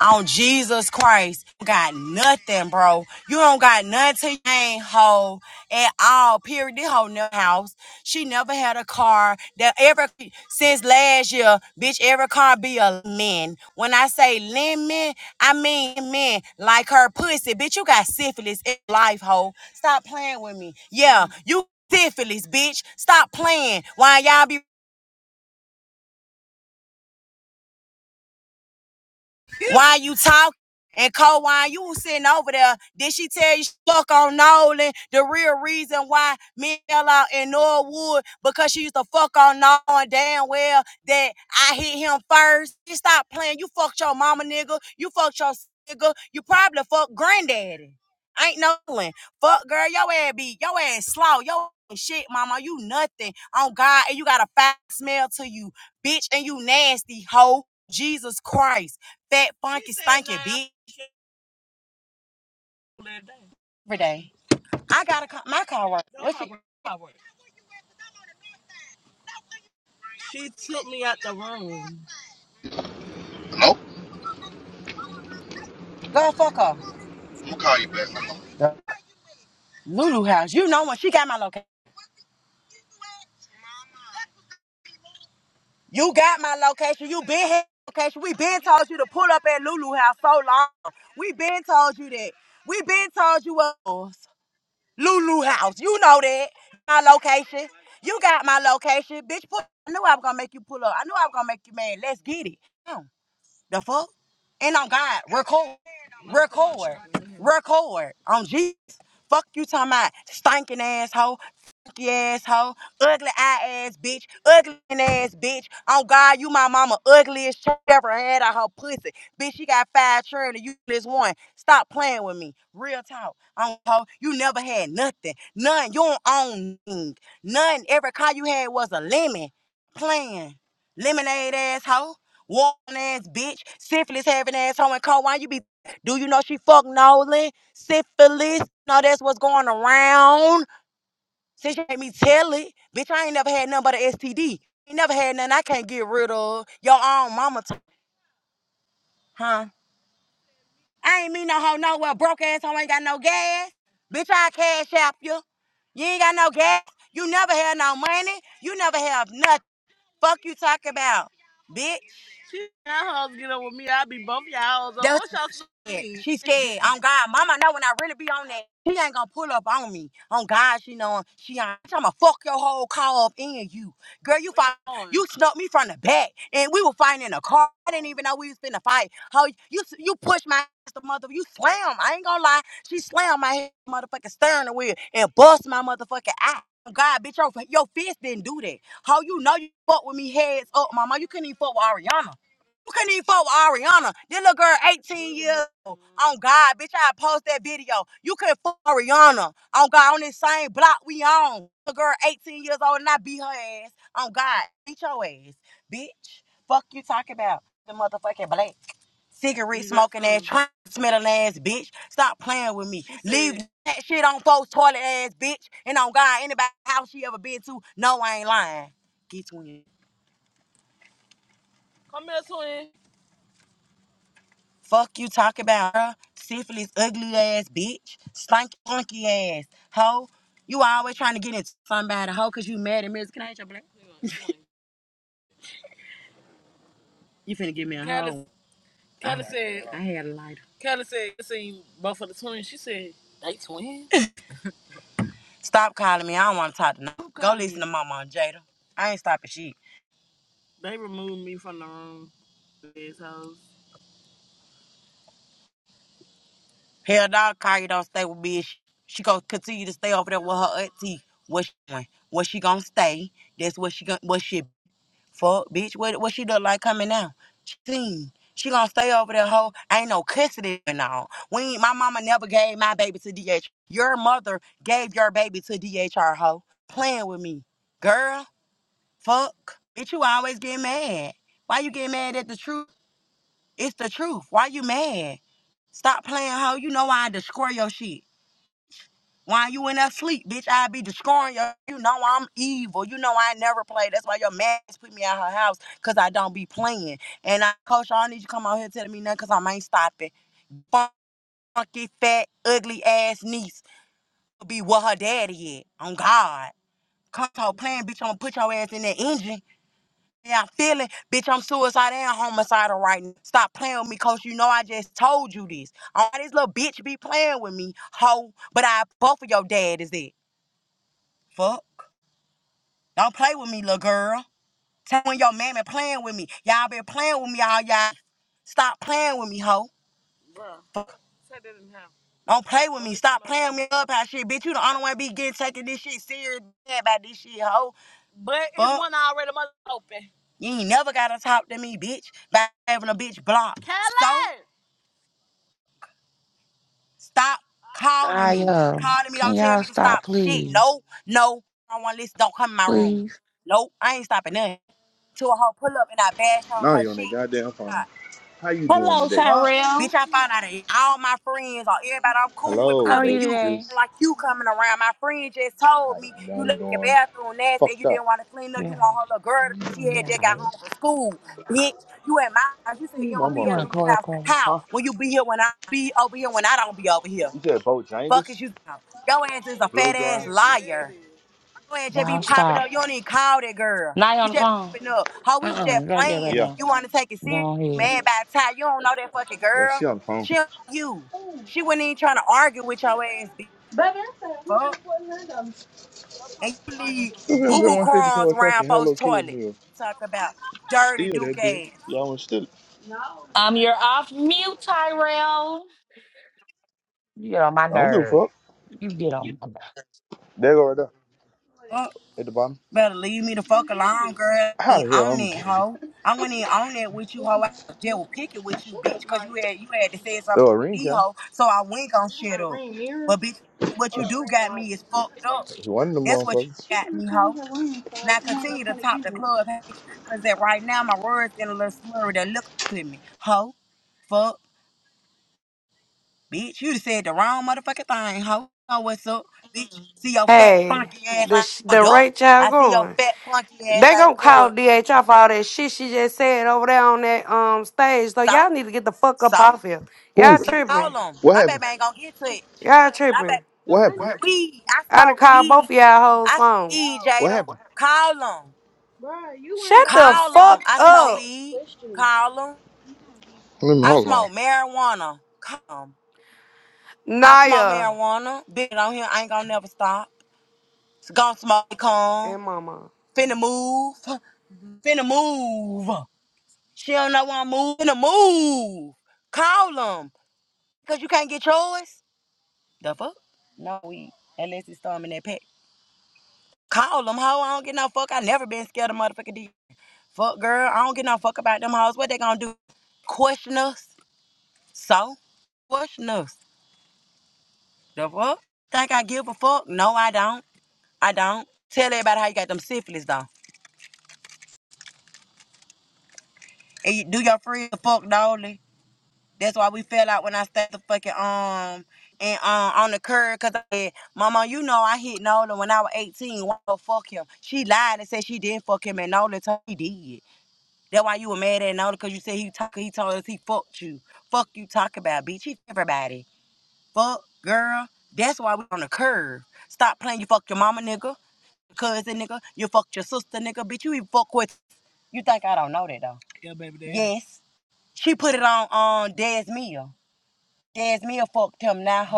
on Jesus Christ. You got nothing, bro. You don't got nothing. You ain't hoe at all. Period. This whole new house. She never had a car. That ever since last year, bitch, every car be a lemon. When I say lemon, I mean men like her pussy. Bitch, you got syphilis in life, hoe. Stop playing with me. Yeah, you syphilis, bitch. Stop playing. Why y'all be Why you talking? And Cole, why you was sitting over there, did she tell you she fuck on Nolan? The real reason why me fell out in Norwood, because she used to fuck on Nolan damn well that I hit him first. You stop playing. You fucked your mama nigga. You fucked your nigga. You probably fucked granddaddy. Ain't Nolan. Fuck girl, your ass be your ass slow. Your ass shit, mama. You nothing on God and you got a foul smell to you, bitch, and you nasty hoe. Jesus Christ fat, funky, stinking bitch. Every day. I got a car, my car work. What she, Hello? go fuck her. I'm gonna call you back. Hold on. Lulu house. You know when she got my location. You got my location. You been had my location. We been told you to pull up at Lulu house so long. We been told you that. We been told you what was Lulu house. You know that. My location. You got my location. Bitch, put, I knew I was gonna make you pull up. I knew I was gonna make you mad. Let's get it. Huh. The fuck? And on God, record, record, record on Jesus. Fuck you talking about stinking asshole, funky asshole, ugly eye ass bitch, ugly ass bitch. On God, you my mama ugliest she ever had on her pussy. Bitch, she got five children, you this one. Stop playing with me. Real talk. On hoe, you never had nothing. None. You don't own nothing. None. Every car you had was a lemon. Playing. Lemonade asshole. One ass bitch, syphilis having ass hoe and co. Why you be? Do you know she fucked Nolan? Syphilis. No, that's what's going around. Since you made me tell it, bitch, I ain't never had nothing but an STD. Ain't never had nothing I can't get rid of. Your own mama, t- huh? I ain't mean no hoe nowhere. Broke ass hoe ain't got no gas. Bitch, I cash app you. You ain't got no gas. You never had no money. You never have nothing. Fuck you talk about, bitch. That's she She scared. on God, mama know when I really be on that, she ain't gonna pull up on me. On God, she know she ain't. I'm gonna fuck your whole car up in you. Girl, you fight you snuck me from the back and we were fighting in a car. I didn't even know we was finna fight. How you you push my ass to mother you slam. I ain't gonna lie. She slammed my head motherfucking steering wheel and bust my motherfucking eye. Oh, God, bitch, your, your fist didn't do that. How you know you fuck with me heads up, mama? You couldn't even fuck with Ariana. You couldn't even fuck with Ariana. This little girl, 18 years old. On God, bitch, I post that video. You couldn't fuck Ariana. On God, on this same block we on. Little girl, 18 years old, and I beat her ass. On God, beat your ass, bitch. Fuck you talking about the motherfucking black cigarette smoking ass, trying smelling ass bitch. Stop playing with me. Leave that shit on folks' toilet ass bitch. And on God, anybody house she ever been to, no, I ain't lying twin. Fuck you talk about her, syphilis, ugly ass bitch, stanky, funky ass hoe. You always trying to get into somebody hoe because you mad at me. Can I hit your black? You finna give me a hoe. I, I had a lighter. Stop calling me. I don't want to talk to no. Go listen you? to Mama and Jada. I ain't stopping shit. Hell dog, car you don't stay with bitch. She gonna continue to stay over there with her auntie. What she doing? Where she gonna stay? That's what she gonna. what she. Fuck, bitch. What what she look like coming out? She seen. She gonna stay over there, hoe. Ain't no custody and all. We ain't- my mama never gave my baby to DH. Your mother gave your baby to DHR, hoe. Playing with me, girl. Fuck, bitch. You always get mad. Why you get mad at the truth? It's the truth. Why you mad? Stop playing, hoe. You know I destroy your shit. Why you in that sleep, bitch? I be destroying you. You know I'm evil. You know I never play. That's why your man put me out her house because I don't be playing. And I, coach, I don't need you to come out here telling me nothing because I ain't stopping. Funky, fat, ugly ass niece will be what her daddy is. On God. Come talk playing, bitch. I'm gonna put your ass in that engine. Yeah, I'm feeling, bitch. I'm suicidal and homicidal right now. Stop playing with me, coach. You know I just told you this. All this little bitch be playing with me, hoe. But I both of your dad is it. Fuck. Don't play with me, little girl. Tell when your mammy playing with me. Y'all been playing with me all y'all. Stop playing with me, hoe. Fuck. Don't play with me. Stop playing with me up how shit. Bitch, you the only one be getting taking this shit serious about this shit, hoe. Fuck. You ain't never gotta talk to me, bitch. By having a bitch block. So stop calling me. Stop Naya, Calling me. can Don't tell y'all me to stop, stop shit. please? No, no. I don't wanna listen. Don't come in my room. Please. Nope. I ain't stopping nothing. to a whole pull up and I bash on No, her you on that shit. goddamn phone. God, How you doing Hello, today? fuck. Tyrell. Bitch, I found out that all my friends or everybody I'm cool with Hello, How because are of you you. today? Lexus. Like you coming around. My friend just How told me you know you I'm left your doing? bathroom nasty and you Fucked didn't up. want to clean up. You Yeah. want her little girl. She had Yeah. just got home from school. Bitch, you at my house. You said Ooh, you My don't be You at want to Lou's motherfucker. call the house. call? How? Huh? When you be here when I be over here when I don't be over here. You said Fuck Bojangles? is you. talking? Your ass is a Blow fat ass dry? liar. Your ass just be Y'all popping up. stop. You don't even call that girl. Now You on the just phone. popping up. How we was Uh-uh. just Right there, right playing. Yeah. now. You want to take it serious, Go ahead. man? By the time you don't know that fucking Yeah, girl, she on the phone. she don't know you. She wasn't even trying to argue with your ass. bitch. Fuck. And you leave Still been boo boo 150 crumbs for a around fucking folks' Hello Kitty toilet. meal. Talk about dirty Steal Duke that bitch. ass. Y'all want to steal it. Um, you're off mute, Tyrell. You get on my I don't give a nerve. fuck. You get on my nerve. There go right there. At the bottom. Better leave me the fuck alone, girl. I How ain't the hell on I'm gonna it, get it? hoe. I went in on that with you, hoe. I was devil picking with you, bitch, cause you had you had to say something, Oh, a to ring me, cam. hoe. So I went gon' shut up. But bitch, what Oh, you a do ring got light. me is fucked up. One of them That's what you motherfuckers. got me, hoe. Now continue to top the club, bitch, cause that right now my words getting a little slurry. They look to me, hoe. Fuck, bitch. You done said the wrong motherfucking thing, hoe. Know what's up, bitch? See your fat Hey, funky ass ain't the sh- pulled the up. rate y'all I see your going, fat funky ass they ain't gonna call pulled. DHR for all that shit she just said over there on that um stage. So y'all need to get the fuck up So, off here. Who? Y'all so tripping. them. What My happened? baby ain't gonna get to it. Y'all My tripping. baby, What happened? weed. I I done smoke called both weed. of y'all hoes I phone. see What Jada. happened? Call them. Shut the Call fuck them. I smoke up, weed. Call them. Let me I hold on. smoke marijuana. Call 'em. I smoke Naya marijuana. Been on here. I ain't gonna never stop. Gonna smoke con. and Mama. Finna move. Finna move. She don't know where I'm moving. Finna move. Call them. Cause you can't get yours. The fuck? No weed. Unless it's storming that pack. Call them, hoe. I don't get no fuck. I never been scared of motherfucking D. Fuck, girl. I don't get no fuck about them hoes. What they gonna do? Question us? So? Question us. The fuck? Think I give a fuck? No, I don't. I don't. Tell everybody how you got them syphilis, though. And you do your free fuck, dolly. That's why we fell out when I stayed the fucking, um, and um, on the curb, cause I said, Mama, you know I hit Nola when I was 18. Why the fuck him? She lied and said she didn't fuck him, and Nola told me he did. That why you were mad at Nona because you said he talk, he told us he fucked you. Fuck you talk about, bitch. He fuck everybody. Fuck, girl. That's why we on the curve. Stop playing. You fucked your mama, nigga. Your cousin, nigga. You fucked your sister, nigga. Bitch, you even fuck with. You think I don't know that though? Yes. She put it on on Daz Mia. Daz Mia fucked him, not her.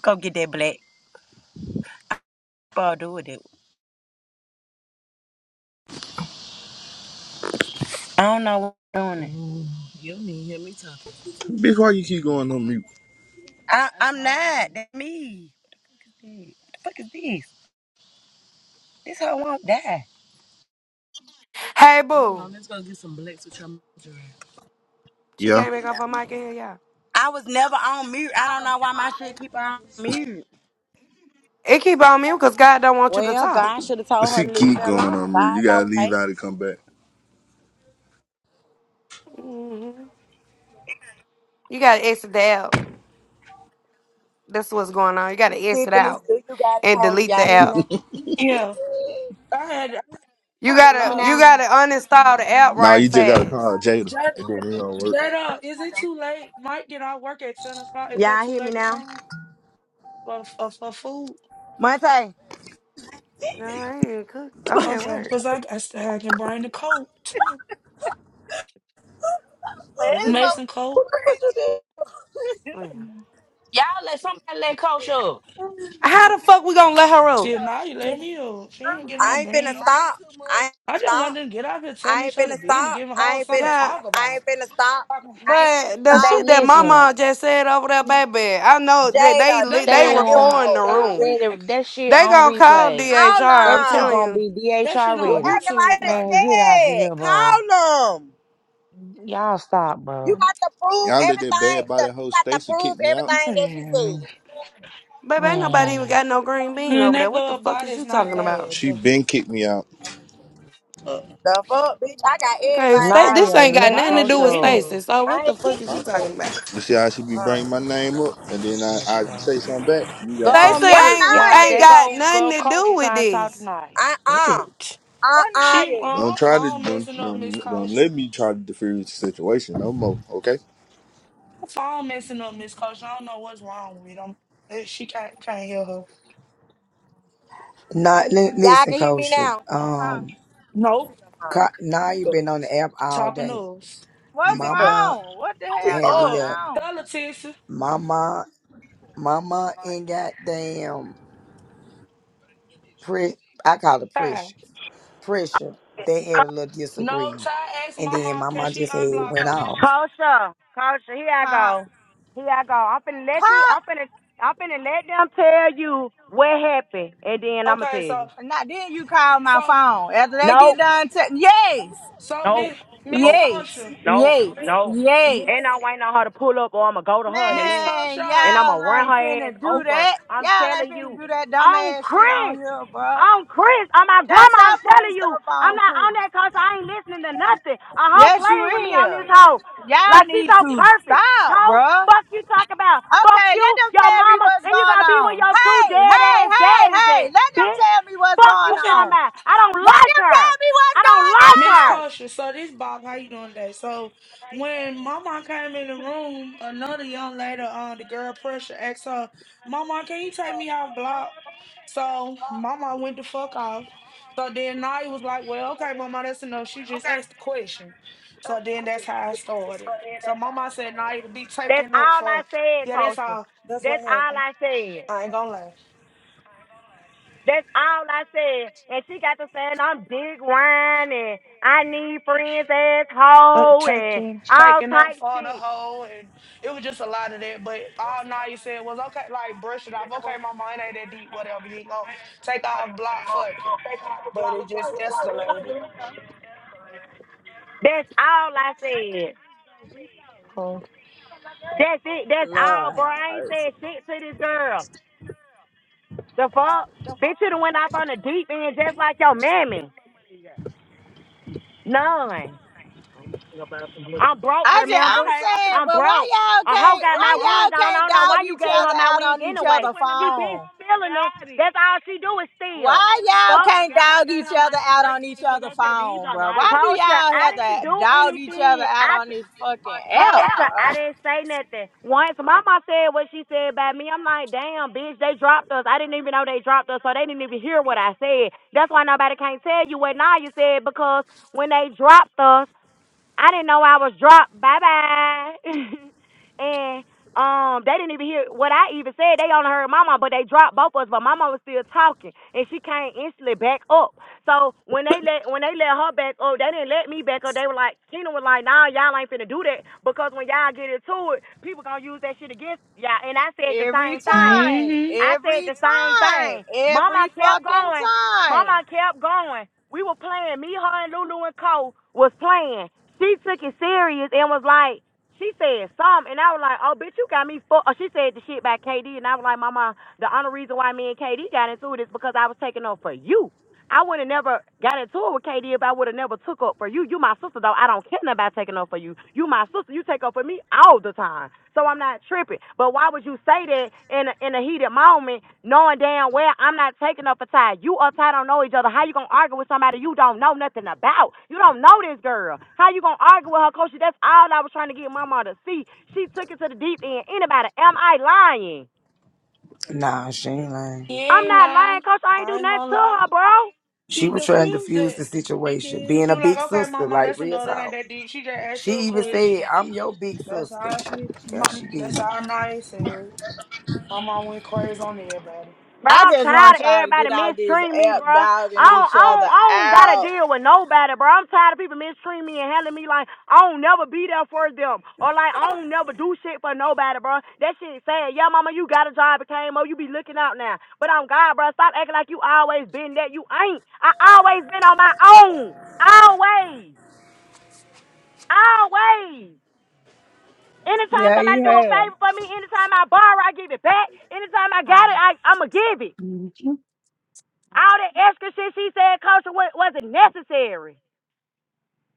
Go get that black. I'll do it. I don't know what I'm doing Bitch, why you keep going on mute? I, I'm not. do. That's me. What the fuck is this? This hoe won't die. Hey, boo. She Yeah. can't make off her mic in here, y'all. I was never on mute. I don't know why my shit keep on mute. It keep on mute because God don't want you to Well, talk. God should have told her She to leave keep me going alone. God on mute. I You gotta know, leave right? out and come back. hmm You gotta exit the app. That's what's going on. You gotta exit Syphilis, out do you got a and cold? delete the Y'all hear me app. now? Yeah, I had I You had to Hear me gotta log you now? gotta in. uninstall the app hmm Nah, right you just gotta hmm fast. call Jada Jed, and then it gonna work. Jada, is it too late? Mike, did I work at ten o'clock? Is that Y'all too hear me late to now? come for for, for food? Monte, No, I ain't even cook. I'm at Okay, work. cause I I still had to bring the coat too. It's The who? a- Mason coat. what the fuck you did? Man. Mhm. Y'all let somebody let Coach up. How the fuck we gonna let her up? Shit, now you let me up. She ain't getting I on ain't finna band. stop. I ain't I just stop. wanted to get out here telling I ain't each other finna being and stop. giving I whole ain't something finna. to Yeah, talk I ain't about. finna stop. Fucking- I ain't finna but the They stop. shit that my listening. mom just said over there, Yeah. baby, I know that they Jada, They do li- you they finna not They they give a on recording called the fuck? Do room. you? they already. ready that shit They on gonna call replays. Hold DHR. That I'm shit on. telling gonna you, be That shit DHR You on ready. acting like YouTube it's right Man, get now. out of dead. here, bro. Call them. Y'all stop, You bro. got to prove Y'all let that everything. bad body that- You hoe got to Stacy prove kick me out. everything that you Man. said. baby, ain't nobody even Man. got no green bean And over there. that What the girl fuck is body's you not talking about? bad. She been kicked me out. Uh, The fuck, bitch. I got Okay, everything sta I need. this Naya, ain't got let nothing Why to is coach do you with in up. here? Stacy. So I what the ain't fuck kick is you you out. talking Oh, about? You see how she be Uh, bringing my name up and then I, That's I y'all. say something back. You Go got something? Stacy on What mute, ain't now y'all. ain't There you? got go nothing go to coach do is with trying to talk this. tonight. uh, uh, shit. uh, What now uh. She you? uh, her Don't try to phone don't, messing up, don't Miss don't Kosher. let me try to defuse the situation no more. Okay. Her phone messing up, Miss Kosher. I don't know what's wrong with them. Uh, She can't can't hear her. Not li- Y'all listen, can hear me Kosha. now. Huh? Um, Nope, Uh-uh. Ka- now you've been on the app all talking day. to us. Come What's back up. Mama wrong? What the hell had a going little. on? Tell her, Mama, mama, and goddamn, pre- I call it Ty. pressure. Pressure. They had a little No, Ty disagreement, asked and then Mama, can mama she just had it unblock went her? Mom. off. Kosha, Kosha, here I Huh? go. Here I go. I'm finna let you. Call I'm finna. I'm finna let them tell you what happened, and then I'ma tell Okay, so you. now then you call my so phone. After they get Nope, done te- Yes. so nope, Miss Miss nope, Yes. Kosher, nope, Yes. nope. Yes. And I'm waiting on her to pull up, or I'ma go to her in a Miss minute, Man, Kosher. and I'ma y'all run ain't her ass finna do over. that. I'm Y'all ain't telling finna you, do that on dumbass shit on Chris. here, bruh. on Chris, on my Y'all grandma. I'm stop putting telling you, stuff I'm on not on Chris. that cause I ain't listening to nothing. A hoe Yes, you playing with me on this is. hoe, Y'all like she's need so to perfect. stop, Hoe, bruh. fuck you talk about? Fuck Okay, you, let them your tell me mama, what's and you going gonna be with on. your two Hey, dead hey, ass hey, daddies hey, at, let them bitch. tell me what's Fuck going you I'm finna talking on. about? I don't Let like them her. tell me I what's don't going like Miss her. on. Tasha, so this Bob, how you doing today? So when Mama came in the room, another young lady, um, the girl pressure asked her, Mama, can you take me off block? So Mama went the fuck off. So then Naya was like, Well, okay, Mama, that's enough. She just asked the question. So then that's how I started. So Mama said Naya to be That's taken up all I for said, yeah, that's Kosha. all. That's what That's all happened. I said. I ain't gonna lie. That's all I said. And she got to saying I'm big wine and I need friends uh, asshole and taking all taking up type for the shit. hoe and it was just a lot of that. But all Naya said was okay, like brush it off. Okay, my mind ain't that deep, whatever. You ain't gonna take off block fuck it. But it just escalated. That's all I said. Um, That's it. That's all, Lord bro. have I ain't mercy. said shit to this girl. The fuck? Bitch, you done went off on the deep end just like your mammy. None. I'm broke, I just, remember? I'm saying, I'm but why broke. y'all A hoe can't, got my why wig y'all on. I can't don't know dog why you each gave her other my out wig on each anyway. other She been phone? stealing That's all she do is steal. Why went y'all God, can't dog each other out on each other phone, bro? Why do Culture, y'all I have didn't to do dog each other anything. out I on this fucking app, culture, bro? I didn't say nothing. Once mama said what she said about me, I'm like, damn, bitch, they dropped us. I didn't even know they dropped us, so they didn't even hear what I said. That's why nobody can't tell you what Naya said because when they dropped us, I didn't know I was dropped. Bye bye. and um, they didn't even hear what I even said. They only heard mama, but they dropped both of us. But mama was still talking, and she came instantly back up. So when they let when they let her back up, they didn't let me back up. They were like, Keena was like, Nah, y'all ain't finna do that because when y'all get into it, people gonna use that shit against y'all. And I said the Every same thing. time. mm-hmm. I said Every the same thing. time. Every Mama kept fucking going. time. Mama kept going. We were playing. Me, her, and Lulu and Cole was playing. She took it serious and was like, she said something, and I was like, oh, bitch, you got me fucked. She said the shit about KD, and I was like, Mama, the only reason why me and KD got into it is because I was taking off for you. I would have never got into it with KD if I would have never took up for you. You my sister though. I don't care nothing about taking up for you. You my sister. You take up for me all the time. So I'm not tripping. But why would you say that in a, in a heated moment, knowing damn well I'm not taking up for Ty? You or Ty don't know each other. How you gonna argue with somebody you don't know nothing about? You don't know this girl. How you gonna argue with her, coach? That's all I was trying to get Mama to see. She took it to the deep end. Anybody? Am I lying? Nah, she ain't lying. You I'm ain't not lying, lying. coach. I ain't I do ain't nothing gonna to lie. her, bro. She She was trying to diffused defuse it. the She situation, did. being She a was like, big okay, sister, mama, like that's real another that ain't talk. that deep. She just asked She you a even said, question. "I'm your big That's how sister." she Yeah, my, she did. that's how Naya said. My mom went crazy on everybody. Bro, I I'm just tired want of y'all to get everybody out this mistreating me, app bro. I dogging each don't, I don't, other I don't gotta out. deal with nobody, bro. I'm tired of people mistreating me and handling me like I don't never be there for them, or like I don't never do shit for nobody, bro. That shit sad. Yeah, mama, you got a job at KMO, you be looking out now. But I'm God, bro. Stop acting like you always been that. You ain't. I always been on my own. Always, always. Anytime Yeah, you somebody do a have. favor for me, anytime I borrow, I give it back. Anytime I got Hi. it, I, I'ma give it. All that extra shit she said, Coach, wa- wasn't necessary.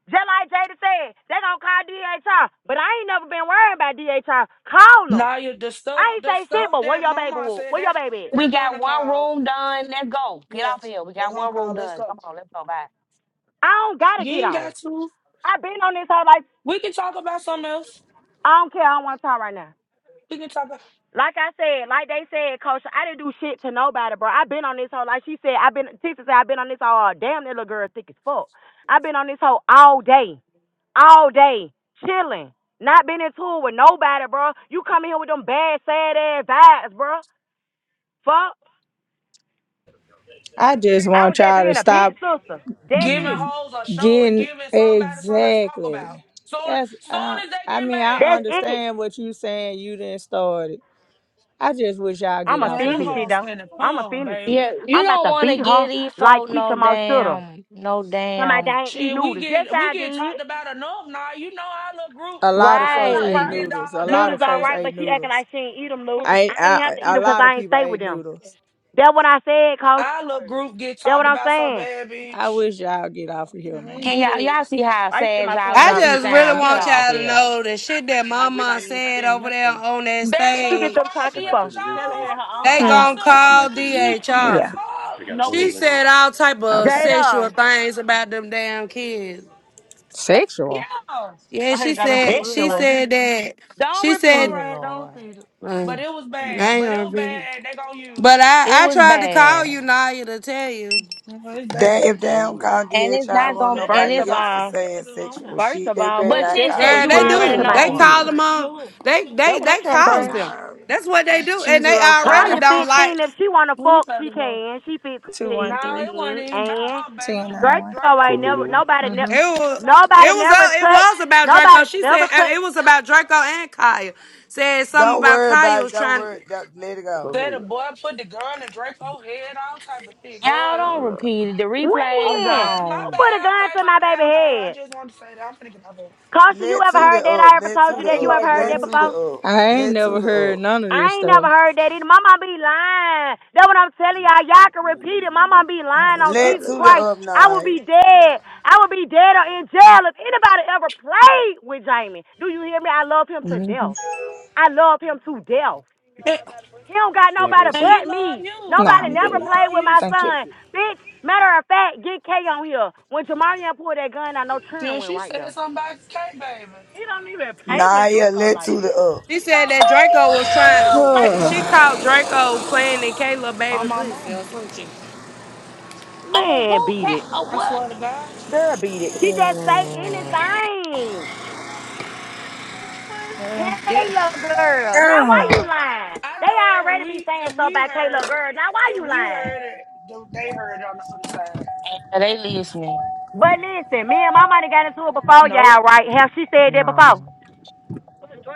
Just like Jada said, they gonna call DHR, but I ain't never been worrying about DHR. Call them. Naya, the I stuff, ain't the say shit, stuff but where that your baby? Mama wa- said, Where your they're baby? At? We they're got gonna one call. room done. Let's go. Get Yeah, off of here. We they're got gonna one room call. Let's done. go. Come on, let's go back. I don't gotta You get ain't off. got to. I been on this whole like We can talk about something else. I don't care. I don't want to talk right now. We can talk about Like I said, like they said, Coach, I didn't do shit to nobody, bro. I've been on this hoe. Like she said, I've been, Tisa said, I've been on this hoe all damn, that little girl thick as fuck. I've been on this hoe all day, all day, chilling. Not been in tour with nobody, bro. You come in here with them bad, sad ass vibes, bro. Fuck. I just I was want just y'all to being a big stop sister. That's giving it. hoes a show and getting giving somebody something to talk about. exactly. Soon, That's soon I, as they I get mean, I That's mad, it. understand what you saying. You didn't start it. I just wish y'all get I'ma off man, of them finish it, here. hoes though. spinning I'ma palm, finish it. Yeah, baby. you I'm about don't to wanna beat her get E like folk no Keisha Moe shoulda. damn no Somebody damn that ain't eat Shit, we noodles. Yes, get we I get did. talked about enough now. You know our little group, A lot of folks our little ate group Right. get noodles. A dogged lot Noodles out, of all folks right, but ate baby. she acting noodles. like she ain't eat them, Lou. I, I ain't have I to eat a them 'cause lot of I ain't people stay with ate them. noodles. That what I said, Coach. Our little group get That what talked I'm about so saying. bad, I bitch. wish y'all get off of here, Don't man. Can do y'all that. y'all see how I used to spend sad my y'all twenty I dollars. auntie just I, really sound? You Get want got off y'all to fifteen here. dollars. know the shit that Mama said over there on that They're What you gonna get stage. them call tacos for? DHR on her They Hmm. gonna sister. call The DHR. Yeah. fuck? She said all type of Okay. sexual Jada. things about them damn kids. Sexual. Yeah. Yeah, I ain't she got them for said she said that Don't she All repeat said it, right, don't Lord. repeat it. uh, I But it was bad. ain't But it gonna was be. bad. They gonna use But it. It I I was tried to call bad. you Naya to tell you, You It's That bad. if they don't call And it's DHR not on gonna and First it's nobody of else for all, saying sexual first shit, of they all, better what but not ten said call sexual girl. you They shit happened already to DHR do. my They know. on her. call kids? them on. They That they what I'm they trying to see. calls them. Fresh. No. That's what they do, and they already 205 Kaya don't 15. like. If she wanna When you fuck, she better go. can. She No, 213 it wasn't 15. even about And her, baby. It was about 1091. Draco ain't Draco. never nobody never Mm-hmm. It was it nobody was never uh, it touch was about Draco. nobody She said never uh, touch it was about Draco and Kaya. Said something Don't about worry Kaya about it. was Don't trying. worry. Don't, let it go. Said the boy put the gun in Draco's head, all type of shit. Y'all Good. Oh, don't look. repeat it. The replay's when? Okay, Who my on. put bad. a gun Okay, to my my baby bad. Okay, I head? just wanted to say that. I'm finna get out of here. Kasha, you Let ever to heard the that? up. I ever Let told to you the I that? ain't You up. ever like heard Let that that. to before? the up. I ain't Let never to the heard up. none of this I ain't never stuff. heard that either. My mom be lying. That what I'm telling y'all. Y'all can repeat it. My mom be Oh, lying that's on Let Jesus probably to the why. Christ. up, I would Naya. be dead. I would be dead or in jail if anybody ever played with Jamie. Do you hear me? I love him to death. I love him to death. and, He don't got nobody and he but love me. you. Nah, Nobody I'm And he never good. played love with you, my Thank so. you. son. Bitch, matter of fact, get K on here. When Jamarian pulled that gun, I know Trin Yeah, went she right said there. something about K baby Naya, let to the up. She said that Draco was trying. She called Draco playing in Kayla on baby my pussy or mama. some shit. Oh, Man, who beat cat it. oh I swear to God. Girl, beat it. She just say what? Ugh. anything. Well, yeah, Kayla girl. Now I why Oh. you know. lying? I They know if already be we saying if so we about Kayla heard it- girl. Now why if you we lying? heard it, th- they heard it on the other side. Are they listening? But listen, me and my money got into it before y'all, Nope. right? Have she said that before? No.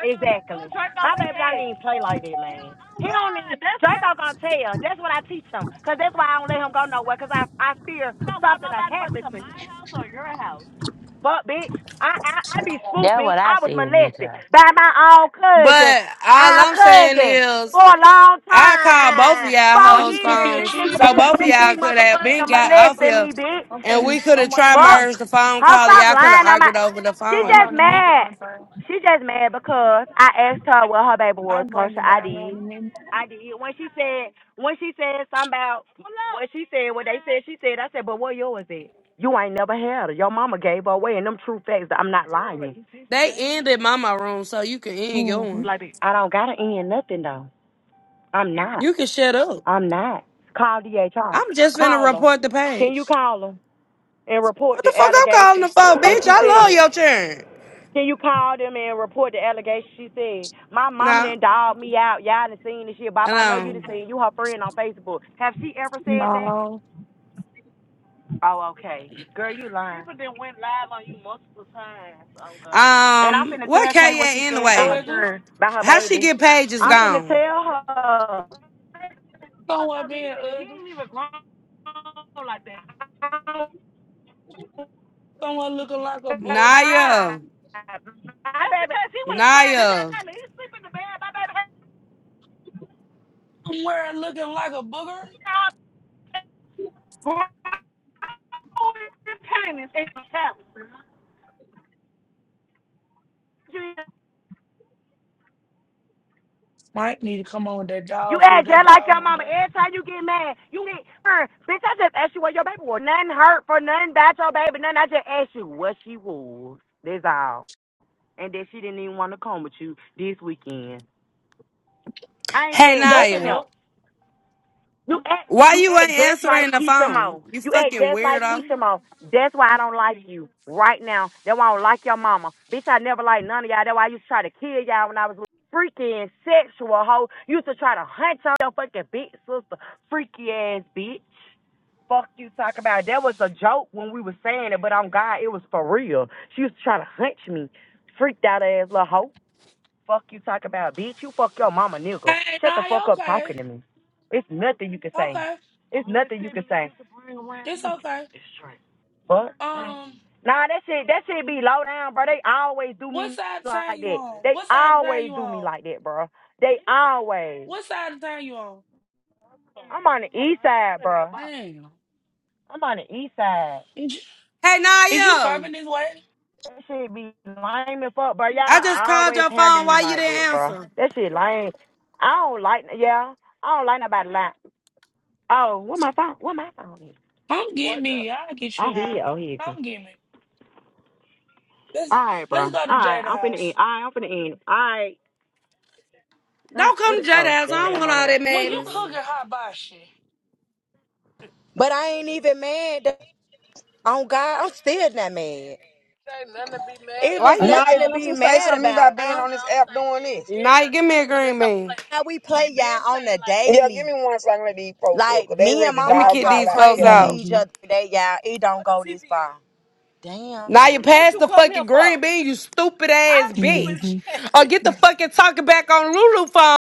Exactly. My baby don't even play like that, man. Oh, He don't even. Draco gonna tell. That's what I teach him. Cause that's why I don't let him go nowhere. Cause I I fear something will happen me. Fuck, bitch, I, I I be spooked, That's bitch. what I I was said, Mika. molested by my own cousin, But all our I'm saying cousin, is, for a long I called both of time, y'all four I'm hoes years. cooking a This phones, nigga so used cheeseburger. to both of be be y'all could have been motherfucking got off molesting here, me, bitch I'm and finna. we could have I'm waiting tried on fuck. the merged the phone Her call. stop Y'all could have lying on my. argued over the She waiting just on phone. the meat to mad. unfurl. She just mad because I asked her what her baby I was, bring Kosha. it I down did. on the meat. I did. When she said, when she said something about what she said, what they said, she said, I said, but what yours is? You ain't never had her. Your mama gave her away, and them true facts. I'm not lying. They ended mama room, so you can end your Mm-hmm. one. I don't gotta end nothing though. I'm not. You can shut up. I'm not. Call DHR. I'm just finna Call her. report the Can you page. call her and report What the the fuck I'm calling the allegation for, that bitch? she I love said? your churn. Can you call them and report the allegation? She said, My mama No, done dogged me out. Y'all done seen this shit. I Bop, I know you done don't. seen you her friend on Facebook. Have she ever said that? No, Oh, okay. Girl, you lying. People then went live on you multiple times. Oh God. I'm tr- And I'm Um, finna what tell Kay Kay what at she said about her anyway? ugly. children, about her How she baby. get pages I'm Be- finna gone? tell her. Someone being ugly. Someone looking like a booger. Ah, I Naya, That's baby. because he was trying to Naya, kill me. He's sleeping in the bed. My baby hurt Somewhere looking like a booger. you. Mike need to come on with that You dog food. act That just like dog your gonna mama. die. Every time you get mad, you get her. Bitch, I just asked you what your baby was. Nothing hurt for nothing about your baby. Nothing. I just asked you what she was. That's all. And that she didn't even want to come with you this weekend. I ain't hey said That's nothing Naya, else. enough. You act why you you ain't act just like answering the Keisha phone? Mo. You You act fucking just like weirdo. Keisha Mo. That's why I don't like you right now. That's why I don't like your mama. Bitch, I never liked none of y'all. That's why I used to try to kill y'all when I was little. freaky and sexual hoe. You used to try to hunt on your fucking big sister. Freaky ass bitch. Fuck you talk about. That was a joke when we were saying it, but on God, it was for real. She used to try to hunch me. Freaked out ass little hoe. Fuck you talk about, bitch. You fuck your mama, nigga. Hey, Shut the nah, you fuck up okay. talking to me. It's nothing you can say. Okay. It's nothing you can say. It's okay. Fuck. Um, Nah, that shit, that shit be low down, bro. They always do what me side of town like you that. on? They What side of town always you do me on? like that, bro. They always. What side of town you on? I'm on the east side, bro. Damn. I'm on the east side. Is you, Hey is you Naya, coming this way? That shit be lame as fuck, bro. I just Y'all called always your handle phone. me Why you like that, didn't bro. answer? That shit lame. I don't like, yeah. I don't like nobody like. Oh, what my phone? What my phone is? Come get me. I'll get I you hear high. you. Oh, here you come. Come get me. Let's All right, bro. let's All go to right, Jada I'm finna eat. house. All right, I'm finna eat. All right. Not, Don't what, come to J oh, House. I damn, don't I'm want on the all wrong. that Well, you madness. phone. cooking hot box shit. But I ain't even mad. th- On God, I'm still not mad. It Why was you? Nah, nothing to don't be you say mad something to me about. about being Huh? on this app doing this? Naya, give me a green bean. How we play y'all on the Yeah, give me daily. one second. Let these folks up, Like cause they me and ready to Let me mama dog kick y'all out talk these like folks crazy together. to hmm out. each other today, y'all. It don't go this far. Damn, ain't What remind Now you you reminding pass me. the fucking green bean, you stupid ass hmm bitch. Or get the fucking talking back on Lulu phone